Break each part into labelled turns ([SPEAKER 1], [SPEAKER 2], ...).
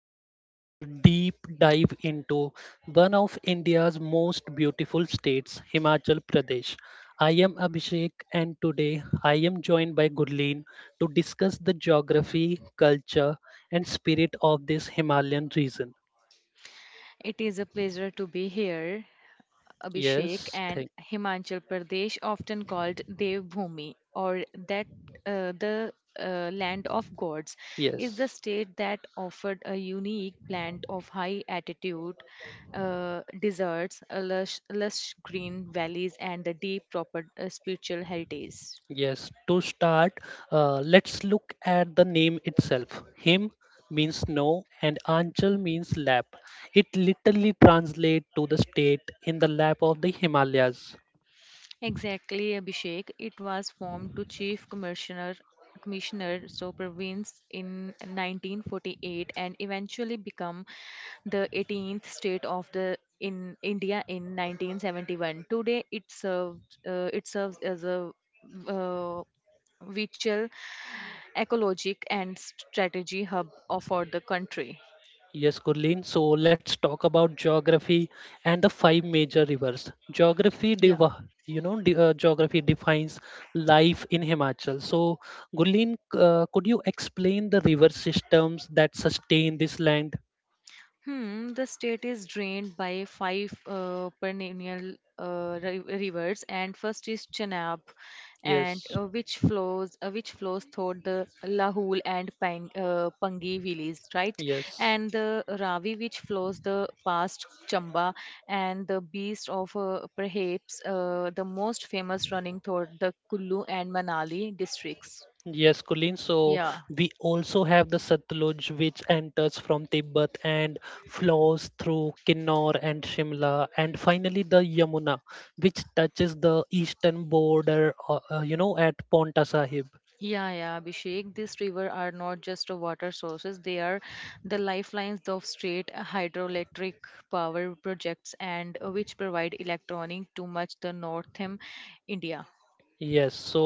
[SPEAKER 1] welcome to our deep dive into one of India's most beautiful states, Himachal Pradesh. I am Abhishek and today I am joined by Gurleen to discuss the geography, culture and spirit of this Himalayan region.
[SPEAKER 2] It is a pleasure to be here, Abhishek,
[SPEAKER 1] Yes,
[SPEAKER 2] and
[SPEAKER 1] thank
[SPEAKER 2] Himachal Pradesh, often called Devbhumi or that the land of gods, is the
[SPEAKER 1] yes.
[SPEAKER 2] state that offered a unique blend of high altitude deserts, a lush green valleys, and the deep proper spiritual heritage.
[SPEAKER 1] Yes, to start, let's look at the name itself. Him means no, and Anchal means lap. It literally translates to the state in the lap of the Himalayas.
[SPEAKER 2] Exactly, Abhishek. It was formed to Chief Commissioner so province in 1948 and eventually become the 18th state of the in India in 1971. Today, it serves as a uh, vital ecologic and strategy hub of- for the country.
[SPEAKER 1] Yes, Gurleen. So let's talk about geography and the five major rivers. Geography, div- you know, de- Geography defines life in Himachal. So, Gurleen, could you explain the river systems that sustain this land?
[SPEAKER 2] Hmm, the state is drained by five perennial rivers, and first is Chenab, and
[SPEAKER 1] Yes,
[SPEAKER 2] which flows through the Lahul and Pangi valleys, right?
[SPEAKER 1] yes.
[SPEAKER 2] And the Ravi, which flows the past Chamba, and the Beast of perhaps the most famous running through the Kullu and Manali districts.
[SPEAKER 1] Yes, Kulin. So
[SPEAKER 2] Yeah.
[SPEAKER 1] we also have the Satluj, which enters from Tibet and flows through Kinnor and Shimla, and finally the Yamuna, which touches the eastern border, at Paonta Sahib.
[SPEAKER 2] Yeah, yeah, Abhishek. These rivers are not just a water sources; they are the lifelines of state hydroelectric power projects, and which provide electronic to much the northern India.
[SPEAKER 1] Yes, so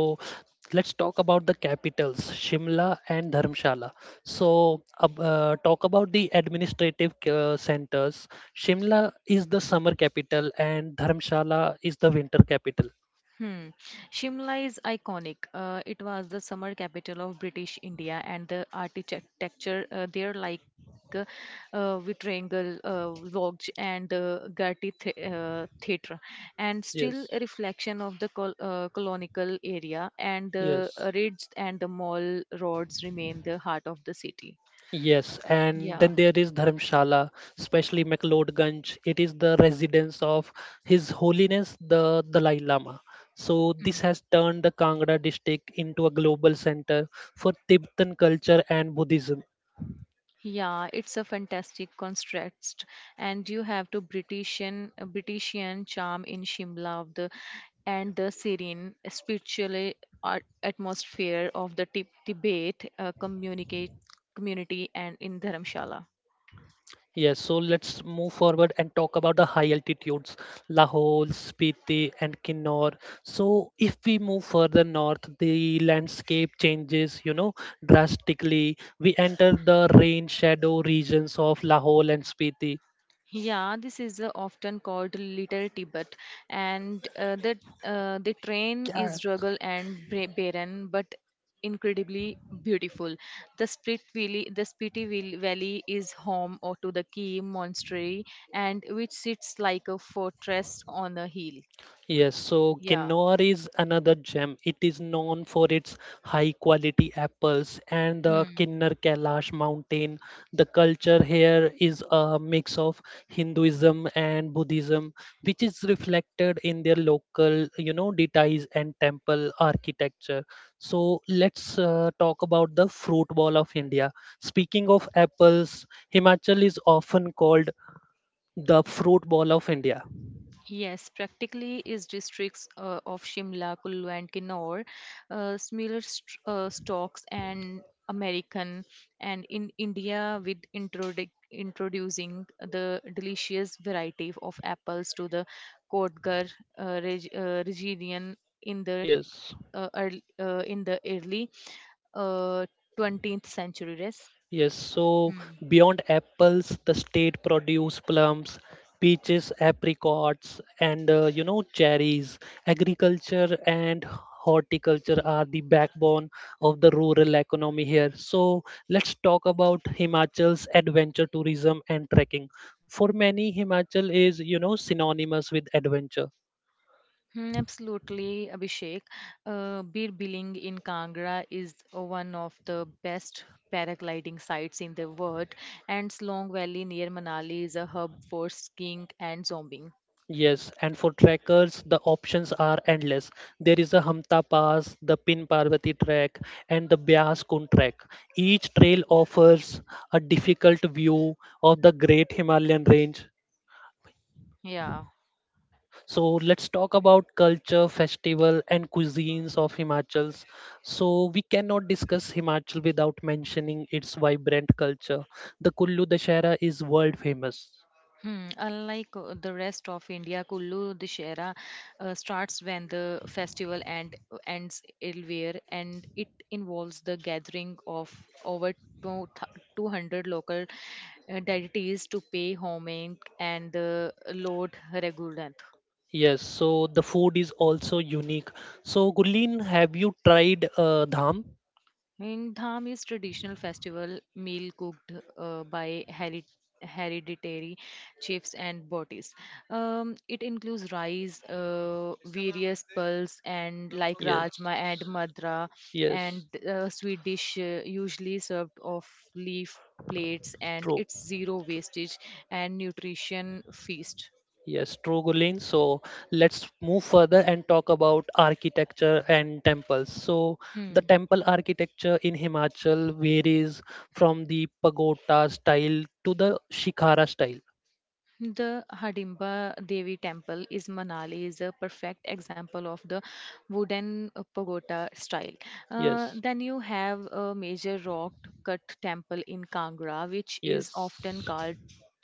[SPEAKER 1] let's talk about the capitals, Shimla and Dharamshala. So, talk about the administrative centers. Shimla is the summer capital, and Dharamshala is the winter capital.
[SPEAKER 2] Hmm. Shimla is iconic. It was the summer capital of British India, and the architecture there, like Vitrangle Lodge and the Gatti Theatre, and still a
[SPEAKER 1] Yes.
[SPEAKER 2] reflection of the colonial area. And the
[SPEAKER 1] Yes.
[SPEAKER 2] ridge and the mall roads remain the heart of the city.
[SPEAKER 1] Yes, and
[SPEAKER 2] Yeah.
[SPEAKER 1] then there is Dharamshala, especially McLeodganj. It is the residence of His Holiness the Dalai Lama. So this
[SPEAKER 2] Hmm.
[SPEAKER 1] has turned the Kangra district into a global center for Tibetan culture and Buddhism.
[SPEAKER 2] Yeah, it's a fantastic contrast, and you have to Britishian charm in Shimla of the and the serene spiritual atmosphere of the Tib- Tibet communicate community and in Dharamshala.
[SPEAKER 1] Yes, so let's move forward and talk about the high altitudes, Lahore, Spiti, and Kinnor. So, if we move further north, the landscape changes, you know, drastically. We enter the rain shadow regions of Lahore and Spiti.
[SPEAKER 2] Yeah, this is often called Little Tibet, and the train
[SPEAKER 1] Yeah.
[SPEAKER 2] is rugged and barren, but incredibly beautiful. The Spiti Valley is home or to the Key Monastery, and which sits like a fortress on a hill.
[SPEAKER 1] Yes, so
[SPEAKER 2] Yeah.
[SPEAKER 1] Kinnaur is another gem. It is known for its high quality apples and the
[SPEAKER 2] Hmm.
[SPEAKER 1] Kinnar Kailash mountain. The culture here is a mix of Hinduism and Buddhism, which is reflected in their local, you know, deities and temple architecture. So let's talk about the fruit ball of India. Speaking of apples, Himachal is often called the fruit ball of India.
[SPEAKER 2] Yes, practically is districts of Shimla, Kullu, and Kinnaur, similar stocks and American, and in India with introducing the delicious variety of apples to the Kotgarh region in the
[SPEAKER 1] Yes.
[SPEAKER 2] in the early uh, 20th century. Yes.
[SPEAKER 1] Yes, so
[SPEAKER 2] Hmm.
[SPEAKER 1] beyond apples, the state produce plums, peaches, apricots, and you know cherries. Agriculture and horticulture are the backbone of the rural economy here. So let's talk about Himachal's adventure tourism and trekking. For many, Himachal is you know synonymous with adventure.
[SPEAKER 2] Mm, Absolutely, Abhishek. Bir Biling in Kangra is one of the best paragliding sites in the world, and Slong Valley near Manali is a hub for skiing and zombing.
[SPEAKER 1] Yes, and for trekkers, the options are endless. There is a Hamta Pass, the Pin Parvati Trek, and the Byas Kun Trek. Each trail offers a difficult view of the Great Himalayan Range.
[SPEAKER 2] Yeah.
[SPEAKER 1] So let's talk about culture, festival, and cuisines of Himachals. So we cannot discuss Himachal without mentioning its vibrant culture. The Kullu Dashera is world famous.
[SPEAKER 2] Hmm, unlike the rest of India, Kullu Dussehra starts when the festival end, ends earlier, and it involves the gathering of over two 200 local deities to pay homage and the Lord Raghunath.
[SPEAKER 1] Yes, so the food is also unique. So, Gulin, have you tried dham?
[SPEAKER 2] And Dham is traditional festival meal cooked by hereditary chiefs and bodies. It includes rice, various pulses, and like
[SPEAKER 1] Yes,
[SPEAKER 2] rajma and madra, and
[SPEAKER 1] yes,
[SPEAKER 2] sweet dish usually served off leaf plates, and
[SPEAKER 1] true.
[SPEAKER 2] it's zero wastage and nutrition feast.
[SPEAKER 1] Yes, true, Gulin. So, let's move further and talk about architecture and temples. So, the
[SPEAKER 2] Hmm.
[SPEAKER 1] temple architecture in Himachal varies from the pagoda style to the shikhara style.
[SPEAKER 2] The Hardimba Devi Temple is Manali is a perfect example of the wooden pagoda style.
[SPEAKER 1] Yes,
[SPEAKER 2] Then you have a major rock cut temple in Kangra, which is often
[SPEAKER 1] yes.
[SPEAKER 2] called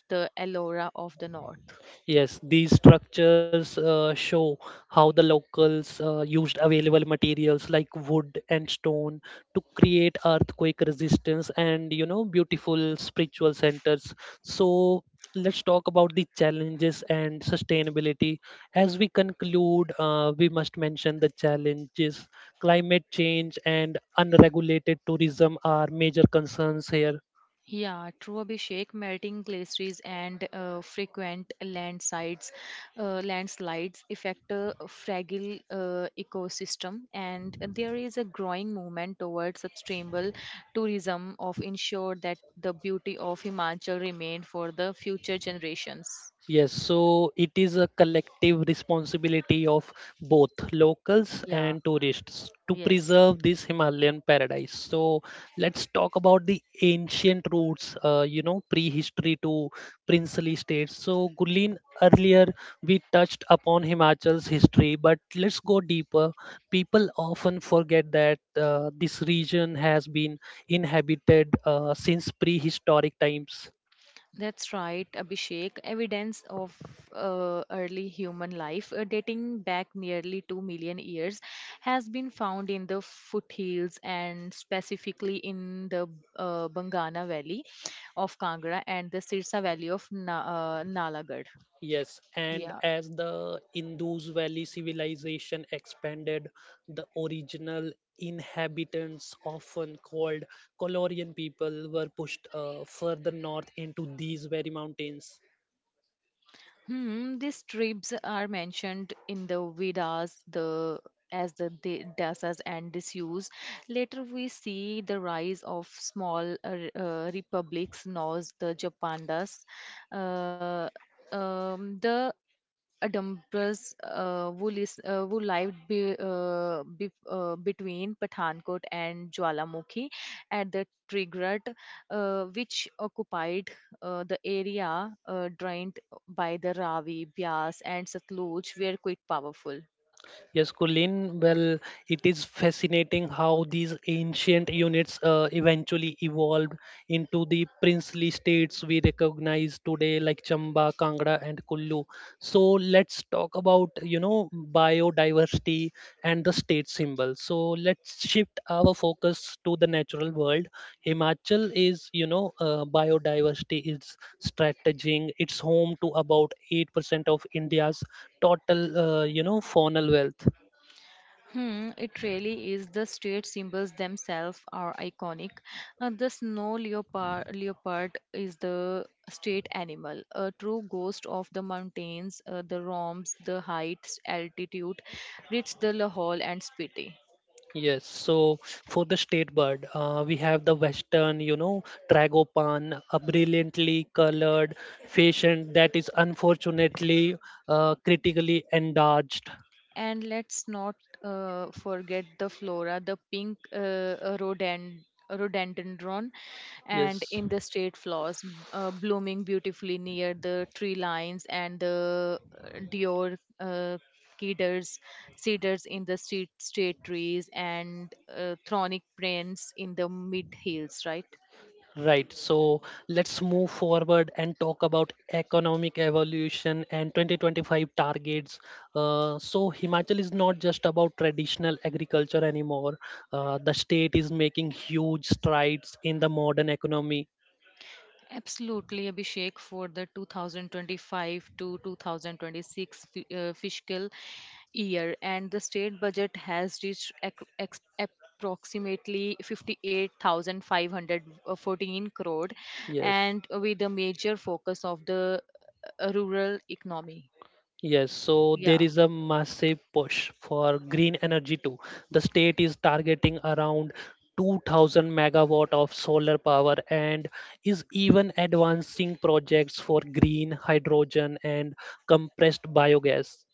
[SPEAKER 2] the Ellora of the North.
[SPEAKER 1] Yes, these structures show how the locals used available materials like wood and stone to create earthquake resistance and you know beautiful spiritual centers. So let's talk about the challenges and sustainability. As we conclude, we must mention the challenges. Climate change and unregulated tourism are major concerns here.
[SPEAKER 2] Yeah, true Abhishek, melting glaciers and frequent landslides affect a fragile ecosystem, and there is a growing movement towards sustainable tourism of ensure that the beauty of Himachal remain for the future generations.
[SPEAKER 1] Yes, so it is a collective responsibility of both locals
[SPEAKER 2] Yeah,
[SPEAKER 1] and tourists to
[SPEAKER 2] yes.
[SPEAKER 1] preserve this Himalayan paradise. So let's talk about the ancient roots, you know, prehistory to princely states. So Gulin, earlier we touched upon Himachal's history, but let's go deeper. People often forget that this region has been inhabited since prehistoric times.
[SPEAKER 2] That's right, Abhishek. Evidence of early human life dating back nearly 2 million years has been found in the foothills and specifically in the Bangana Valley of Kangra and the Sirsa Valley of Nalagarh.
[SPEAKER 1] Yes, and
[SPEAKER 2] Yeah.
[SPEAKER 1] as the Indus Valley civilization expanded, the original inhabitants, often called Colorian people, were pushed further north into these very mountains.
[SPEAKER 2] Hmm, these tribes are mentioned in the Vedas the as the dasas and disuse. Later, we see the rise of small republics, known as the Japandas. Uh, the a dumpers who lived between Pathankot and Jwalamukhi at the Trigrat, which occupied the area drained by the Ravi, Bias, and Satluj, were quite powerful.
[SPEAKER 1] Yes, Colin, well, it is fascinating how these ancient units eventually evolved into the princely states we recognize today, like Chamba, Kangra, and Kullu. So let's talk about, you know, biodiversity and the state symbol. So let's shift our focus to the natural world. Himachal is, you know, biodiversity is strategizing. It's home to about 8% of India's total, you know, faunal wealth.
[SPEAKER 2] Hmm, it really is. The state symbols themselves are iconic. The snow leopard is the state animal, a true ghost of the mountains, the roms, the heights, altitude, reached the Lahore and Spiti.
[SPEAKER 1] Yes, so for the state bird, we have the western, you know, tragopan, a brilliantly colored patient that is unfortunately critically endangered.
[SPEAKER 2] And let's not forget the flora, the pink rhododendron, and
[SPEAKER 1] Yes.
[SPEAKER 2] in the state flowers blooming beautifully near the tree lines and the Dior cedars, cedars in the street, state trees, and thronic prints in the mid hills, right?
[SPEAKER 1] Right. So let's move forward and talk about economic evolution and 2025 targets. So Himachal is not just about traditional agriculture anymore. The state is making huge strides in the modern economy.
[SPEAKER 2] Absolutely, Abhishek, for the 2025 to 2026 fiscal year, and the state budget has reached approximately 58,514 crore,
[SPEAKER 1] Yes.
[SPEAKER 2] and with a major focus of the rural economy.
[SPEAKER 1] Yes, so there
[SPEAKER 2] Yeah.
[SPEAKER 1] is a massive push for green energy too. The state is targeting around 2,000 megawatt of solar power and is even advancing projects for green hydrogen and compressed biogas.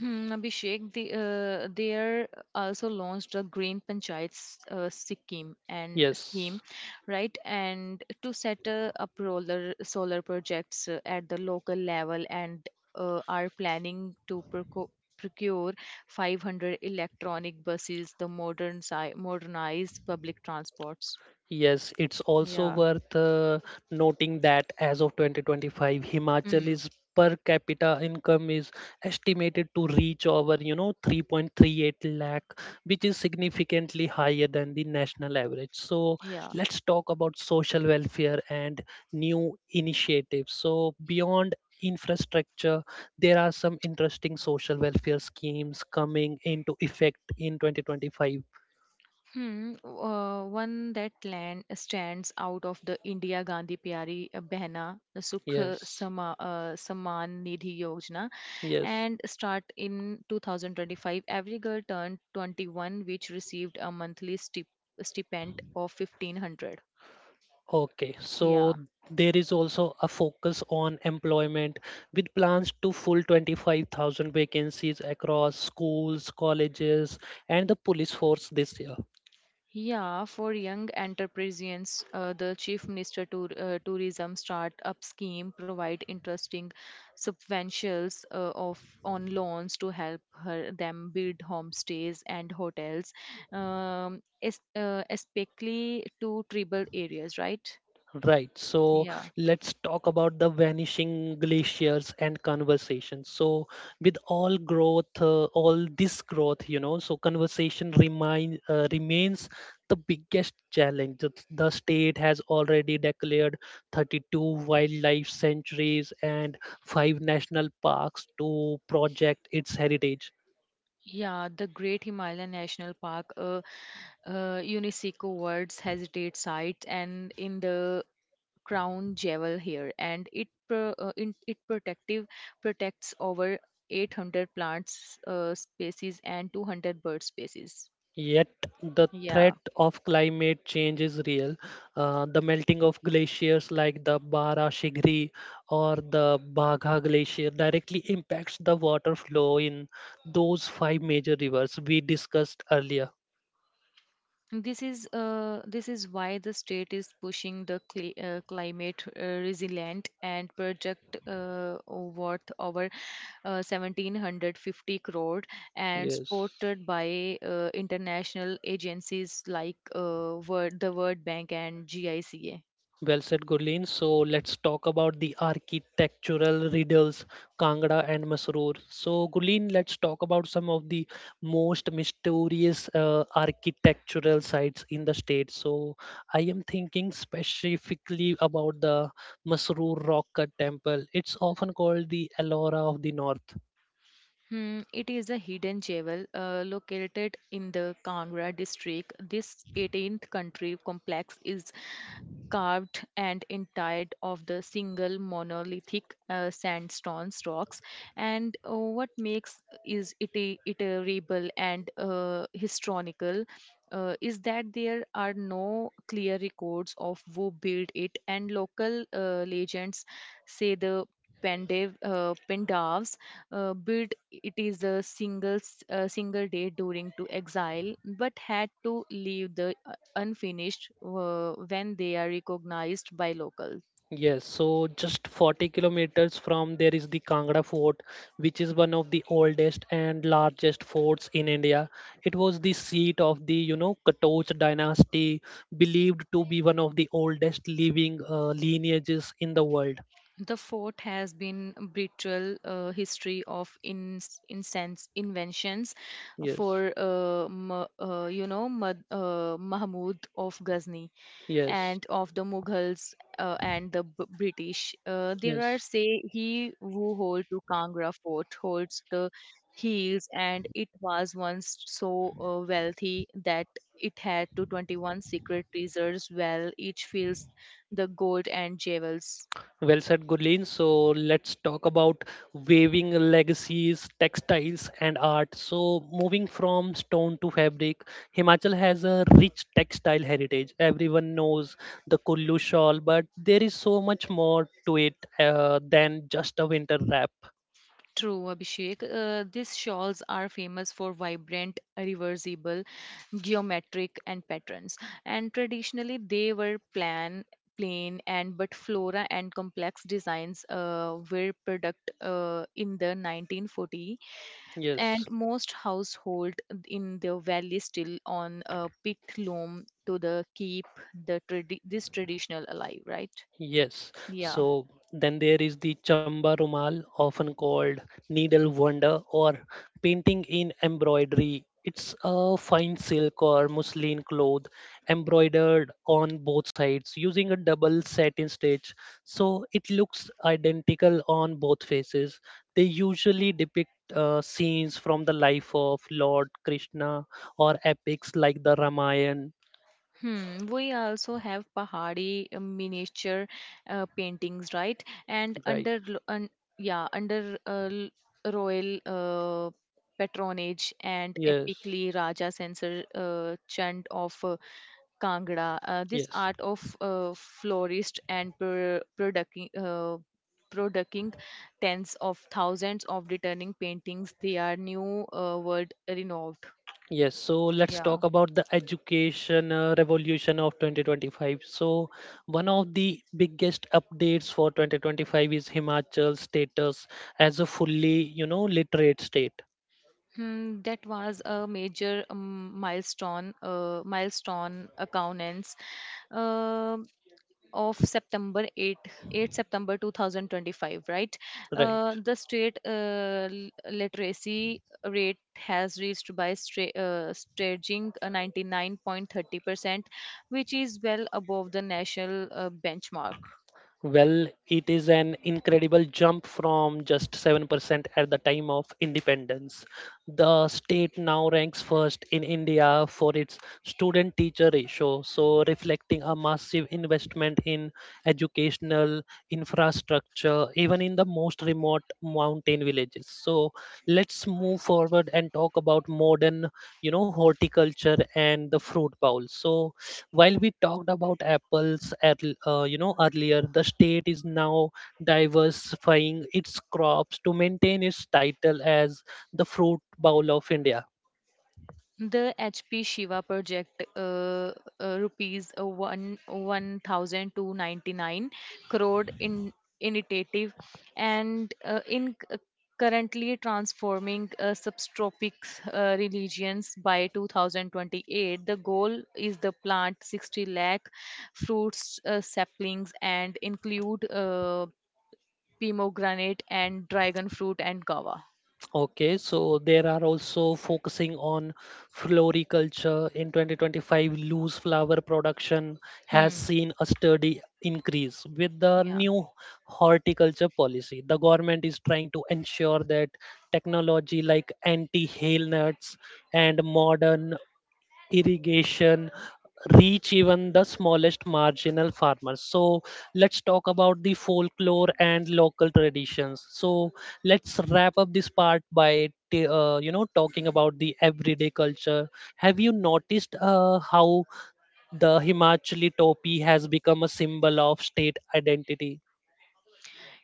[SPEAKER 2] Hmm, Abhishek, they, there also launched a Green Panchayat Sikkim and scheme,
[SPEAKER 1] Yes.
[SPEAKER 2] right? And to set up roller solar projects at the local level, and are planning to procure 500 electronic buses, the modernized public transports.
[SPEAKER 1] Yes, it's also
[SPEAKER 2] Yeah.
[SPEAKER 1] worth noting that as of 2025,
[SPEAKER 2] Hmm.
[SPEAKER 1] Himachal's per capita income is estimated to reach over, you know, 3.38 lakh, which is significantly higher than the national average. So
[SPEAKER 2] Yeah.
[SPEAKER 1] let's talk about social welfare and new initiatives. So beyond infrastructure, there are some interesting social welfare schemes coming into effect in 2025.
[SPEAKER 2] Hmm, one that land stands out of the India Gandhi Pyari Behna uh, Sukh
[SPEAKER 1] Yes,
[SPEAKER 2] Sama, uh, Saman Nidhi Yojana
[SPEAKER 1] yes.
[SPEAKER 2] and start in 2025. Every girl turned 21, which received a monthly stipend of 1500.
[SPEAKER 1] Okay, so
[SPEAKER 2] Yeah.
[SPEAKER 1] there is also a focus on employment with plans to full 25,000 vacancies across schools, colleges, and the police force this year.
[SPEAKER 2] Yeah, for young entrepreneurs, the Chief Minister Tourism Startup Scheme provide interesting subventions of on loans to help her, them build homestays and hotels, especially to tribal areas, right?
[SPEAKER 1] Right. So
[SPEAKER 2] Yeah.
[SPEAKER 1] let's talk about the vanishing glaciers and conversation. So with all growth, all this growth, you know, so remains the biggest challenge. The state has already declared 32 wildlife sanctuaries and five national parks to project its heritage.
[SPEAKER 2] Yeah, the Great Himalayan National Park, a UNESCO World Heritage Site, and in the crown jewel here, and it pro- in, it protective protects over 800 plants species and 200 bird species.
[SPEAKER 1] Yet the threat
[SPEAKER 2] Yeah,
[SPEAKER 1] of climate change is real. The melting of glaciers like the Bara Shigri or the Bagha Glacier directly impacts the water flow in those five major rivers we discussed earlier.
[SPEAKER 2] this is why the state is pushing the climate resilient and project worth over 1750 crore and
[SPEAKER 1] Yes.
[SPEAKER 2] supported by international agencies like the World Bank and GICA.
[SPEAKER 1] Well said, Gurleen. So let's talk about the architectural riddles, Kangra and Masroor. So, Gurleen, let's talk about some of the most mysterious architectural sites in the state. So, I am thinking specifically about the Masroor Rock Cut Temple. It's often called the Ellora of the North.
[SPEAKER 2] Hmm, it is a hidden jewel located in the Kangra district. This 18th country complex is carved and entirely of the single monolithic sandstone rocks. And what makes is it iterable and historical is that there are no clear records of who built it, and local legends say the Pandavs built it is a single day during to exile but had to leave the unfinished when they are recognized by locals.
[SPEAKER 1] Yes, so just 40 kilometers from there is the Kangra Fort, which is one of the oldest and largest forts in India. It was the seat of the, you know, Katoch dynasty, believed to be one of the oldest living lineages in the world.
[SPEAKER 2] The fort has been brutal history of incense inventions
[SPEAKER 1] Yes,
[SPEAKER 2] for mahmud of ghazni
[SPEAKER 1] yes,
[SPEAKER 2] and of the Mughals and the British. There are
[SPEAKER 1] yes.
[SPEAKER 2] say he who holds to Kangra fort holds the heels, and it was once so wealthy that it had to 21 secret treasures well each fills the gold and jewels.
[SPEAKER 1] Well said, Gurleen. So let's talk about weaving legacies, textiles, and art. So moving from stone to fabric, Himachal has a rich textile heritage. Everyone knows the Kullu shawl, but there is so much more to it than just a winter wrap.
[SPEAKER 2] True, Abhishek. These shawls are famous for vibrant, reversible geometric and patterns and traditionally they were plan plain and but flora and complex designs were product in the 1940 and
[SPEAKER 1] Yes.
[SPEAKER 2] most household in the valley still on picked loam to the keep the this traditional alive, right?
[SPEAKER 1] Yes,
[SPEAKER 2] Yeah.
[SPEAKER 1] so then there is the Chamba Rumal, often called needle wonder or painting in embroidery. It's a fine silk or muslin cloth embroidered on both sides using a double satin stitch, so it looks identical on both faces. They usually depict scenes from the life of Lord Krishna or epics like the Ramayana,
[SPEAKER 2] Hmm, we also have Pahari miniature paintings, right? And
[SPEAKER 1] right?
[SPEAKER 2] under lo- un, yeah, under l- royal patronage and
[SPEAKER 1] Yes,
[SPEAKER 2] epically Raja Censor Chand of Kangra, this
[SPEAKER 1] yes.
[SPEAKER 2] art of florist and producing tens of thousands of returning paintings, they are new world renowned.
[SPEAKER 1] Yes, so let's talk
[SPEAKER 2] Yeah.
[SPEAKER 1] about the education revolution of 2025. So, one of the biggest updates for 2025 is Himachal's status as a fully, you know, literate state,
[SPEAKER 2] Hmm, that was a major milestone accountants uh, of September 8, 8 September 2025, right?
[SPEAKER 1] right?
[SPEAKER 2] The state literacy rate has reached by staging 99.30%, which is well above the national benchmark.
[SPEAKER 1] Well, it is an incredible jump from just 7% at the time of independence. The state now ranks first in India for its student teacher ratio, so reflecting a massive investment in educational infrastructure, even in the most remote mountain villages. So let's move forward and talk about modern, you know, horticulture and the fruit bowl. So while we talked about apples at, you know earlier, the state is now diversifying its crops to maintain its title as the fruit bowl of India.
[SPEAKER 2] The HP Shiva project, rupees one one thousand two ninety nine crore in initiative, and currently transforming subtropic religions by 2028. The goal is the plant 60 lakh fruits saplings and include pomegranate and dragon fruit and guava.
[SPEAKER 1] Okay, so there are also focusing on floriculture in 2025. Loose flower production has
[SPEAKER 2] Hmm.
[SPEAKER 1] seen a steady increase. With the
[SPEAKER 2] Yeah.
[SPEAKER 1] new horticulture policy, the government is trying to ensure that technology like anti hail nuts and modern irrigation reach even the smallest marginal farmers. So let's talk about the folklore and local traditions. So let's wrap up this part by you know talking about the everyday culture. Have you noticed how the himachali topi has become a symbol of state identity?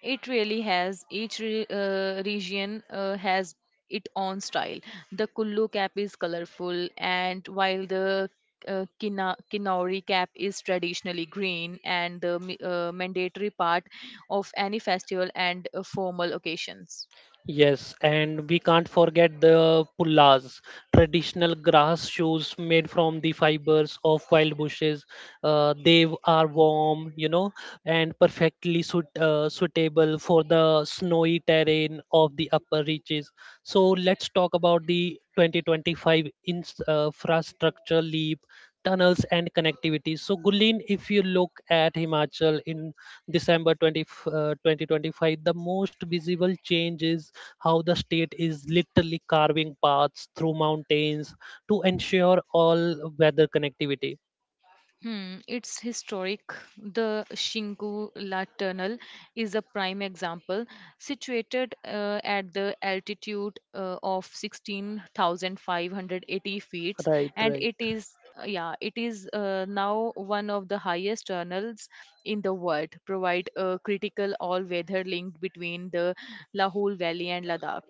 [SPEAKER 2] It really has. Each region has its own style. The Kullu cap is colorful, and while the Kinauri cap is traditionally green, and the mandatory part of any festival and formal occasions.
[SPEAKER 1] Yes, and we can't forget the pullas, traditional grass shoes made from the fibers of wild bushes. Are warm, you know, and suitable for the snowy terrain of the upper reaches. So let's talk about the 2025 infrastructure leap, tunnels and connectivity. So Gulin, if you look at Himachal in December 20, 2025, the most visible change is how the state is literally carving paths through mountains to ensure all weather connectivity.
[SPEAKER 2] Hmm, it's historic. The Shingula Tunnel is a prime example, situated at the altitude of 16,580 feet,
[SPEAKER 1] Right,
[SPEAKER 2] and
[SPEAKER 1] right.
[SPEAKER 2] it is now one of the highest tunnels in the world. Provide a critical all-weather link between the Lahul Valley and Ladakh.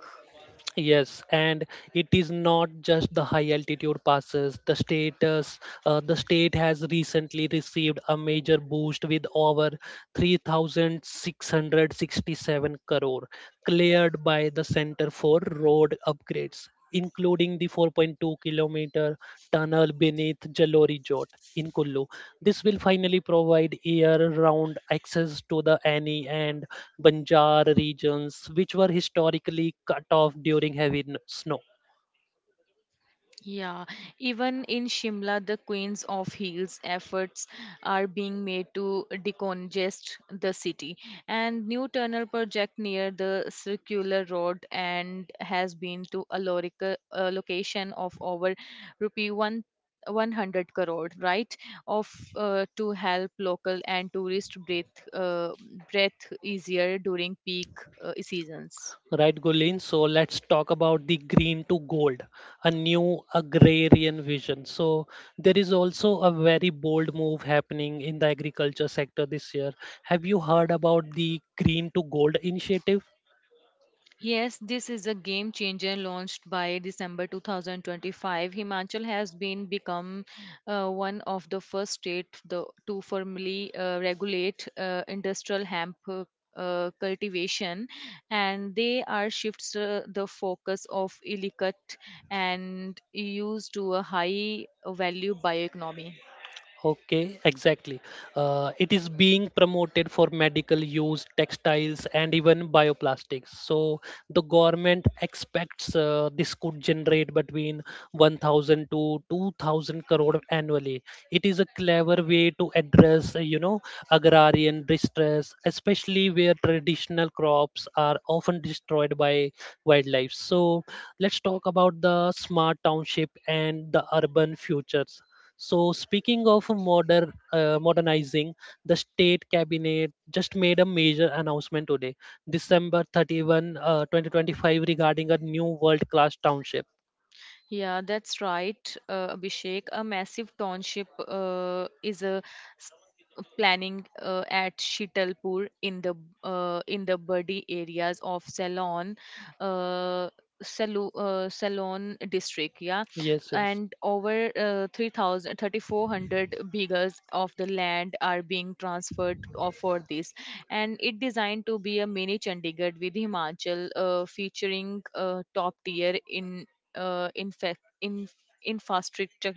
[SPEAKER 1] Yes, and it is not just the high altitude passes. The state has recently received a major boost with over 3,667 crore cleared by the Center for Road Upgrades, including the 4.2-kilometer tunnel beneath Jalori Jot in Kullu. This will finally provide year-round access to the Ani and Banjar regions, which were historically cut off during heavy snow.
[SPEAKER 2] Yeah, even in Shimla, the Queens of Hills efforts are being made to decongest the city. And new tunnel project near the circular road and has been to a location of over rupee one. 100 crore, right? Of to help local and tourist breathe uh, breath easier during peak seasons.
[SPEAKER 1] Right, Gulin? So let's talk about the green to gold, a new agrarian vision. So there is also a very bold move happening in the agriculture sector this year. Have you heard about the green to gold initiative?
[SPEAKER 2] Yes, this is a game changer launched by December 2025. Himachal has been become one of the first state to formally regulate industrial hemp cultivation and they are shifts the focus of illicit and use to a high value bioeconomy.
[SPEAKER 1] Okay, exactly. It is being promoted for medical use, textiles, and even bioplastics. So the government expects this could generate between 1,000 to 2,000 crore annually. It is a clever way to address, agrarian distress, especially where traditional crops are often destroyed by wildlife. So let's talk about the smart township and the urban future. So speaking of modernizing, the state cabinet just made a major announcement today, December 31, 2025, regarding a new world-class township.
[SPEAKER 2] Yeah, that's right, Abhishek. A massive township is a s- planning at Shitalpur in the Badi areas of Ceylon, uh, Ceylon district. Yeah,
[SPEAKER 1] Yes, yes.
[SPEAKER 2] and over 3,000 bigas of the land are being transferred for this, and it designed to be a mini Chandigarh with Himachal, featuring top tier in infrastructure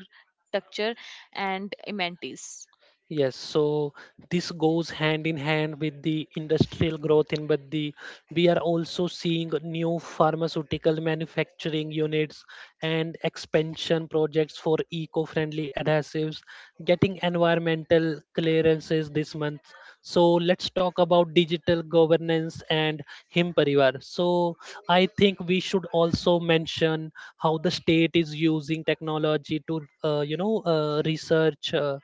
[SPEAKER 2] structure and amenities.
[SPEAKER 1] Yes, so this goes hand in hand with the industrial growth in Baddi. We are also seeing new pharmaceutical manufacturing units and expansion projects for eco-friendly adhesives, getting environmental clearances this month. So let's talk about digital governance and Him Parivar. So I think we should also mention how the state is using technology to, research. Uh,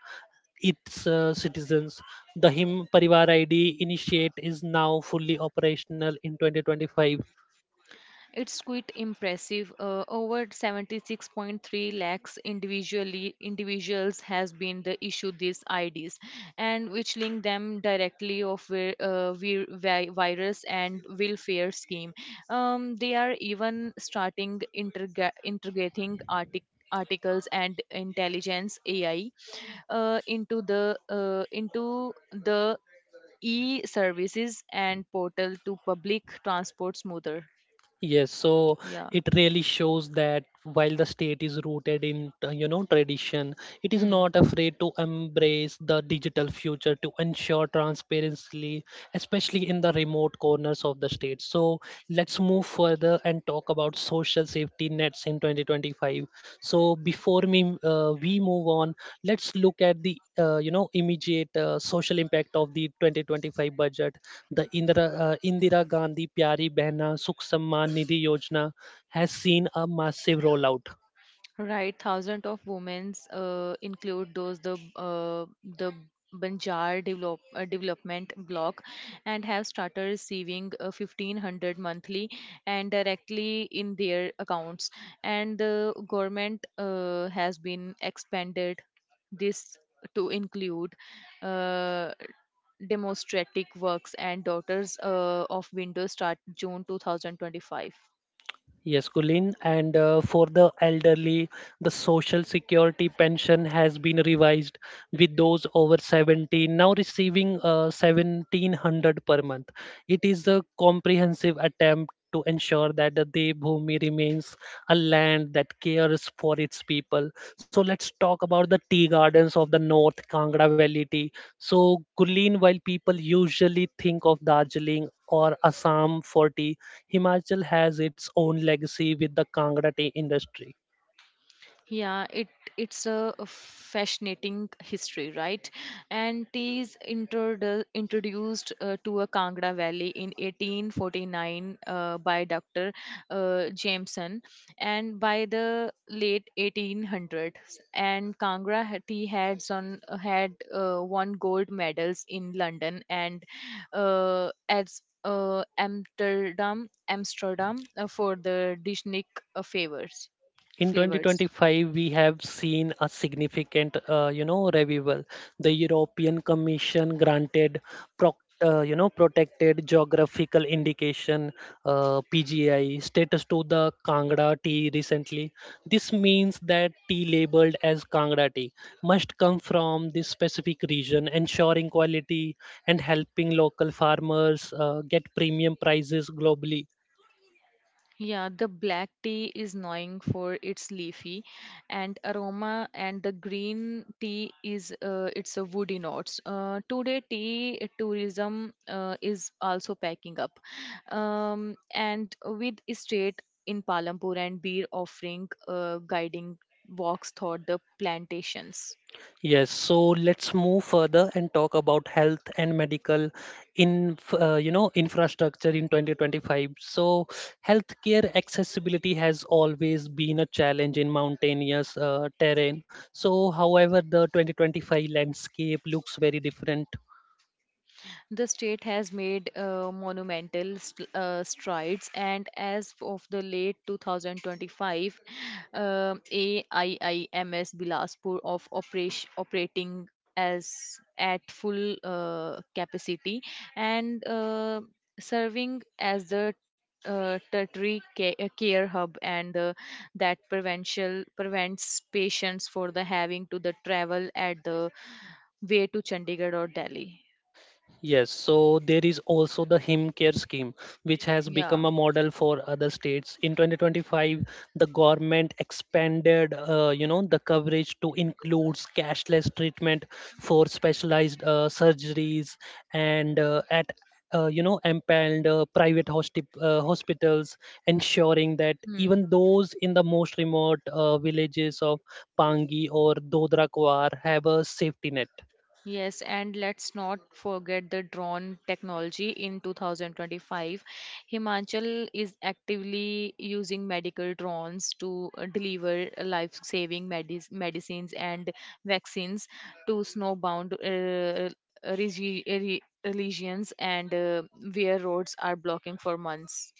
[SPEAKER 1] its uh, citizens. The Him Parivar ID initiate is now fully operational in 2025.
[SPEAKER 2] It's quite impressive. Over 76.3 lakhs individually individuals has been the issue these IDs, and which link them directly of virus and welfare scheme. They are even starting integrating articles and intelligence AI into the e-services and portal to public transport smoother.
[SPEAKER 1] Yes, so
[SPEAKER 2] Yeah.
[SPEAKER 1] it really shows that while the state is rooted in, tradition, it is
[SPEAKER 2] Hmm.
[SPEAKER 1] not afraid to embrace the digital future to ensure transparency, especially in the remote corners of the state. So let's move further and talk about social safety nets in 2025. So we move on. Let's look at the, immediate social impact of the 2025 budget. The Indira Gandhi Pyari Behna Sukh Samman Nidhi Yojana has seen a massive rollout.
[SPEAKER 2] Right, thousands of women's include those the Banjar development block and have started receiving 1500 monthly and directly in their accounts, and the government has been expanded this to include uh, demonstrative works and daughters of windows start june 2025.
[SPEAKER 1] Yes, Kulin. And for the elderly, the Social Security pension has been revised with those over 70 now receiving 1700 per month. It is a comprehensive attempt to ensure that the Devbhumi remains a land that cares for its people. So let's talk about the tea gardens of the North Kangra Valley tea. So, Kulin, while people usually think of Darjeeling or Assam for tea, Himachal has its own legacy with the Kangra tea industry.
[SPEAKER 2] Yeah, it's a fascinating history, right? And tea is introduced to a Kangra Valley in 1849 by Dr. Jameson, and by the late 1800s, and Kangra tea had won gold medals in London and as Amsterdam for the Dishnik favors
[SPEAKER 1] In
[SPEAKER 2] flavors.
[SPEAKER 1] 2025, we have seen a significant revival. The European Commission granted proc- protected geographical indication, PGI status to the Kangra tea recently. This means that tea labeled as Kangra tea must come from this specific region, ensuring quality and helping local farmers get premium prices globally.
[SPEAKER 2] Yeah, the black tea is knowing for its leafy and aroma, and the green tea is it's a woody notes. Today, tea tourism is also packing up, and with state in Palampur and beer offering guiding walks through the plantations.
[SPEAKER 1] Yes, so let's move further and talk about health and medical in you know infrastructure in 2025. So healthcare accessibility has always been a challenge in mountainous terrain. So however, the 2025 landscape looks very different.
[SPEAKER 2] The state has made monumental strides, and as of the late 2025, AIIMS Bilaspur of operating as at full capacity and serving as the tertiary care hub, and that prevential prevents patients for the having to the travel at the way to Chandigarh or Delhi.
[SPEAKER 1] Yes, so there is also the Him Care scheme, which has
[SPEAKER 2] Yeah.
[SPEAKER 1] become a model for other states. In 2025, the government expanded, the coverage to include cashless treatment for specialized surgeries and empaneled private hospitals, ensuring that
[SPEAKER 2] Hmm.
[SPEAKER 1] even those in the most remote villages of Pangi or Dodra Kuar have a safety net.
[SPEAKER 2] Yes, and let's not forget the drone technology. In 2025, Himachal is actively using medical drones to deliver life saving medicines and vaccines to snowbound regions and where roads are blocking for months.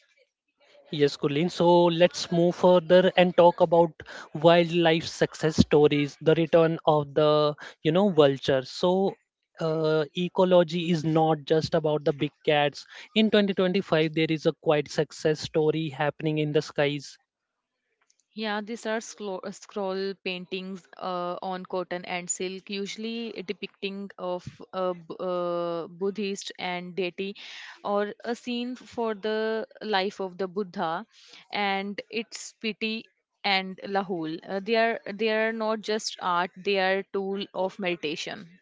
[SPEAKER 1] Yes, Kulin. So let's move further and talk about wildlife success stories, the return of the, vulture. So ecology is not just about the big cats. In 2025, there is a quite success story happening in the skies.
[SPEAKER 2] Yeah, these are scroll paintings on cotton and silk, usually depicting of a Buddhist and deity, or a scene for the life of the Buddha, and its pity and Lahul. They are not just art; they are tool of meditation.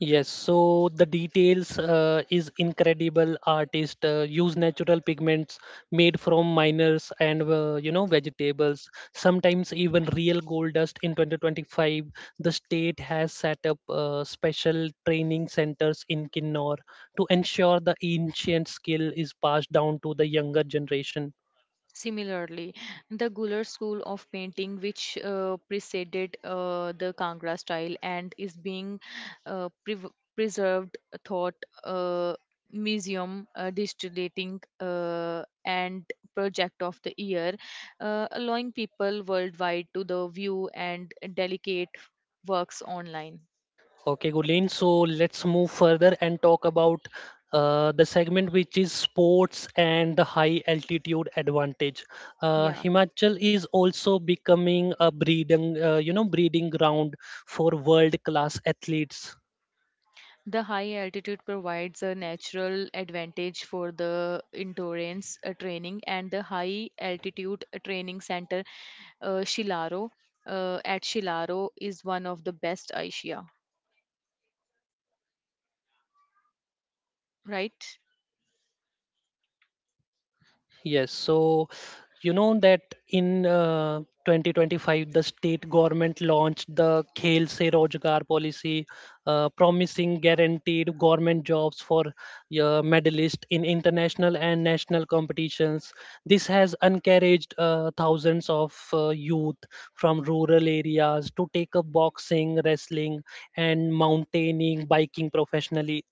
[SPEAKER 1] Yes, so the details is incredible. Artist use natural pigments made from miners and vegetables. Sometimes even real gold dust. In 2025, the state has set up special training centers in Kinnor to ensure the ancient skill is passed down to the younger generation.
[SPEAKER 2] Similarly, the Guler school of painting, which preceded the Kangra style and is being prev preserved, thought uh, museum distillating and project of the year, allowing people worldwide to the view and delicate works online.
[SPEAKER 1] Okay, Gulin. So let's move further and talk about the segment which is sports and the high altitude advantage.
[SPEAKER 2] Yeah.
[SPEAKER 1] Himachal is also becoming a breeding ground for world class athletes.
[SPEAKER 2] The high altitude provides a natural advantage for the endurance training, and the high altitude training center Shilaro at Shilaro is one of the best Asia, right?
[SPEAKER 1] Yes, so you know that in 2025, the state government launched the Khel Se Rozgar policy, promising guaranteed government jobs for medalists in international and national competitions. This has encouraged thousands of youth from rural areas to take up boxing, wrestling, and mountaineering, biking professionally.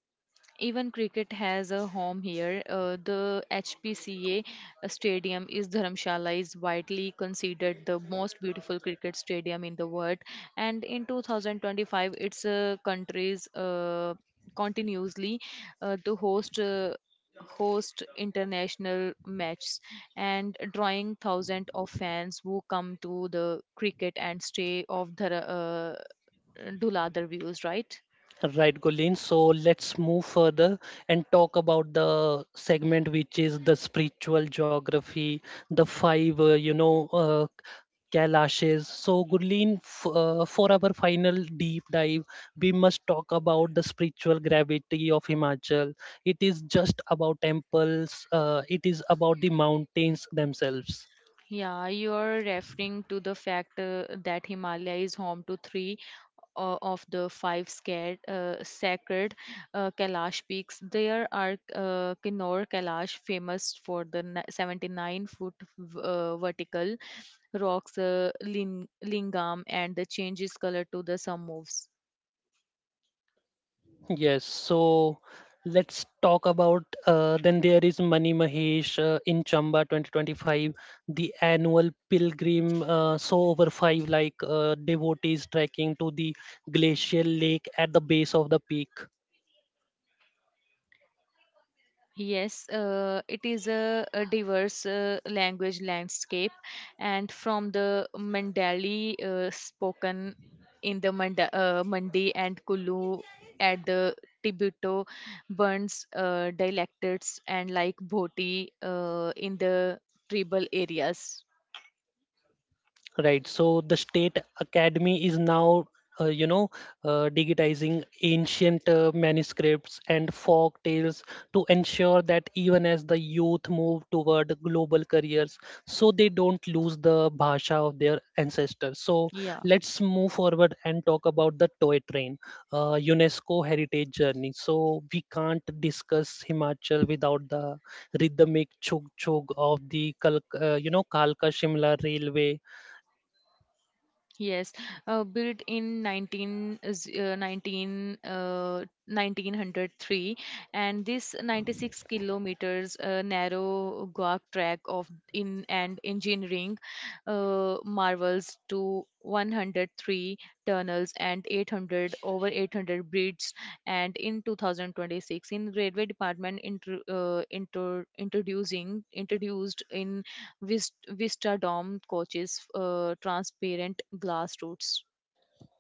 [SPEAKER 2] Even cricket has a home here. The HPCA stadium is Dharamshala is widely considered the most beautiful cricket stadium in the world, and in 2025, its countries continuously to host. Host international matches and drawing thousands of fans who come to the cricket and stay of the Dhuladhar views, right?
[SPEAKER 1] Right, Gulin. So let's move further and talk about the segment which is the spiritual geography, the five, Kailashes. So, Gurleen, for our final deep dive, we must talk about the spiritual gravity of Himachal. It is just about temples, it is about the mountains themselves.
[SPEAKER 2] Yeah, you're referring to the fact that Himalaya is home to three of the five sacred Kailash peaks. There are Kinnaur Kailash, famous for the 79 foot vertical rocks, lingam, and the changes color to the sun moves.
[SPEAKER 1] Yes, so let's talk about then there is Mani Mahesh in Chamba 2025, the annual pilgrim. So over five like devotees trekking to the glacial lake at the base of the peak.
[SPEAKER 2] Yes, it is a diverse language landscape, and from the Mandali spoken in the Mandi and Kulu at the Tibeto burns dialects and like Bhoti in the tribal areas.
[SPEAKER 1] Right. So the State Academy is now, uh, you know, digitizing ancient manuscripts and folk tales to ensure that even as the youth move toward global careers, so they don't lose the Bhasha of their ancestors. So
[SPEAKER 2] Yeah.
[SPEAKER 1] let's move forward and talk about the toy train, UNESCO heritage journey. So we can't discuss Himachal without the rhythmic chug chug of the, Kalka Shimla railway.
[SPEAKER 2] Yes, built in 1903, and this 96 kilometers narrow Goa track of in and engineering marvels to 103 tunnels and 800 bridges. And in 2026, in railway department, introduced in Vista Dome coaches, transparent glass routes.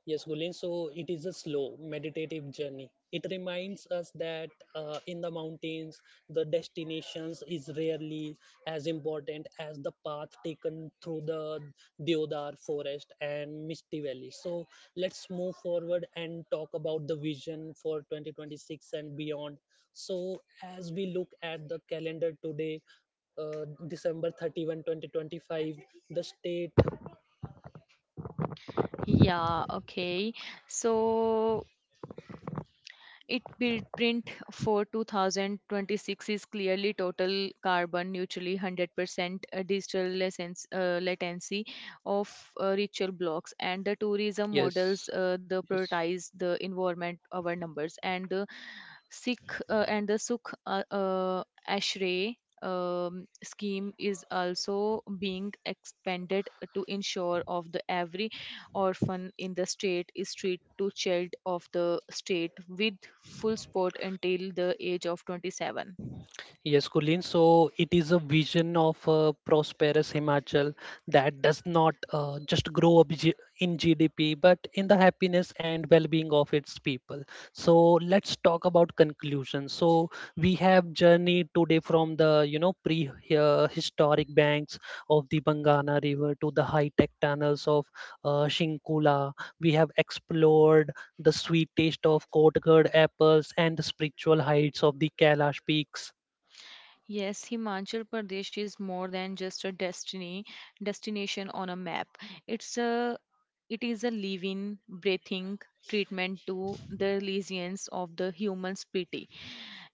[SPEAKER 1] Yes, Gulin. So it is a slow, meditative journey. It reminds us that in the mountains, the destinations is rarely as important as the path taken through the Deodar forest and Misty Valley. So let's move forward and talk about the vision for 2026 and beyond. So as we look at the calendar today, December 31, 2025, the state.
[SPEAKER 2] Yeah, okay. So it print for 2026 is clearly total carbon neutrally 100% digital lessons, latency of ritual blocks and the tourism
[SPEAKER 1] Yes.
[SPEAKER 2] models the
[SPEAKER 1] Yes.
[SPEAKER 2] prioritize the environment our numbers, and the Sukh Ashray scheme is also being expanded to ensure of the every orphan in the state is treated to child of the state with full support until the age of 27.
[SPEAKER 1] Yes, Kulin. So it is a vision of a prosperous Himachal that does not just grow up in GDP, but in the happiness and well-being of its people. So let's talk about conclusion. So we have journeyed today from the pre-historic banks of the Bangana River to the high-tech tunnels of Shinkula. We have explored the sweet taste of Kotgarh apples and the spiritual heights of the Kailash peaks.
[SPEAKER 2] Yes, Himachal Pradesh is more than just a destiny destination on a map. It's a it is a living, breathing treatment to the lesions of the human spirit,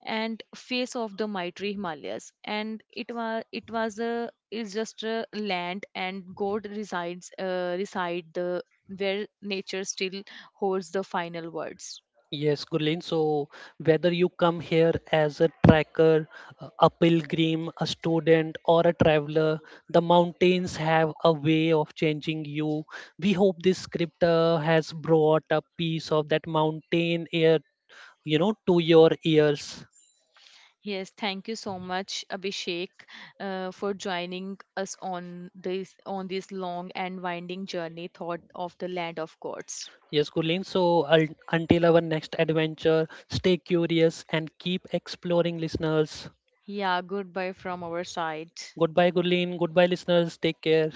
[SPEAKER 2] and face of the mighty Himalayas. And it was a is just a land and God reside the where nature still holds the final words.
[SPEAKER 1] Yes, Gurleen. So, whether you come here as a trekker, a pilgrim, a student, or a traveler, the mountains have a way of changing you. We hope this script has brought a piece of that mountain air, to your ears.
[SPEAKER 2] Yes, thank you so much, Abhishek, for joining us on this long and winding journey thought of the land of gods.
[SPEAKER 1] Yes, Gurleen. So, until our next adventure, stay curious and keep exploring, listeners.
[SPEAKER 2] Yeah, goodbye from our side.
[SPEAKER 1] Goodbye, Gurleen. Goodbye, listeners. Take care.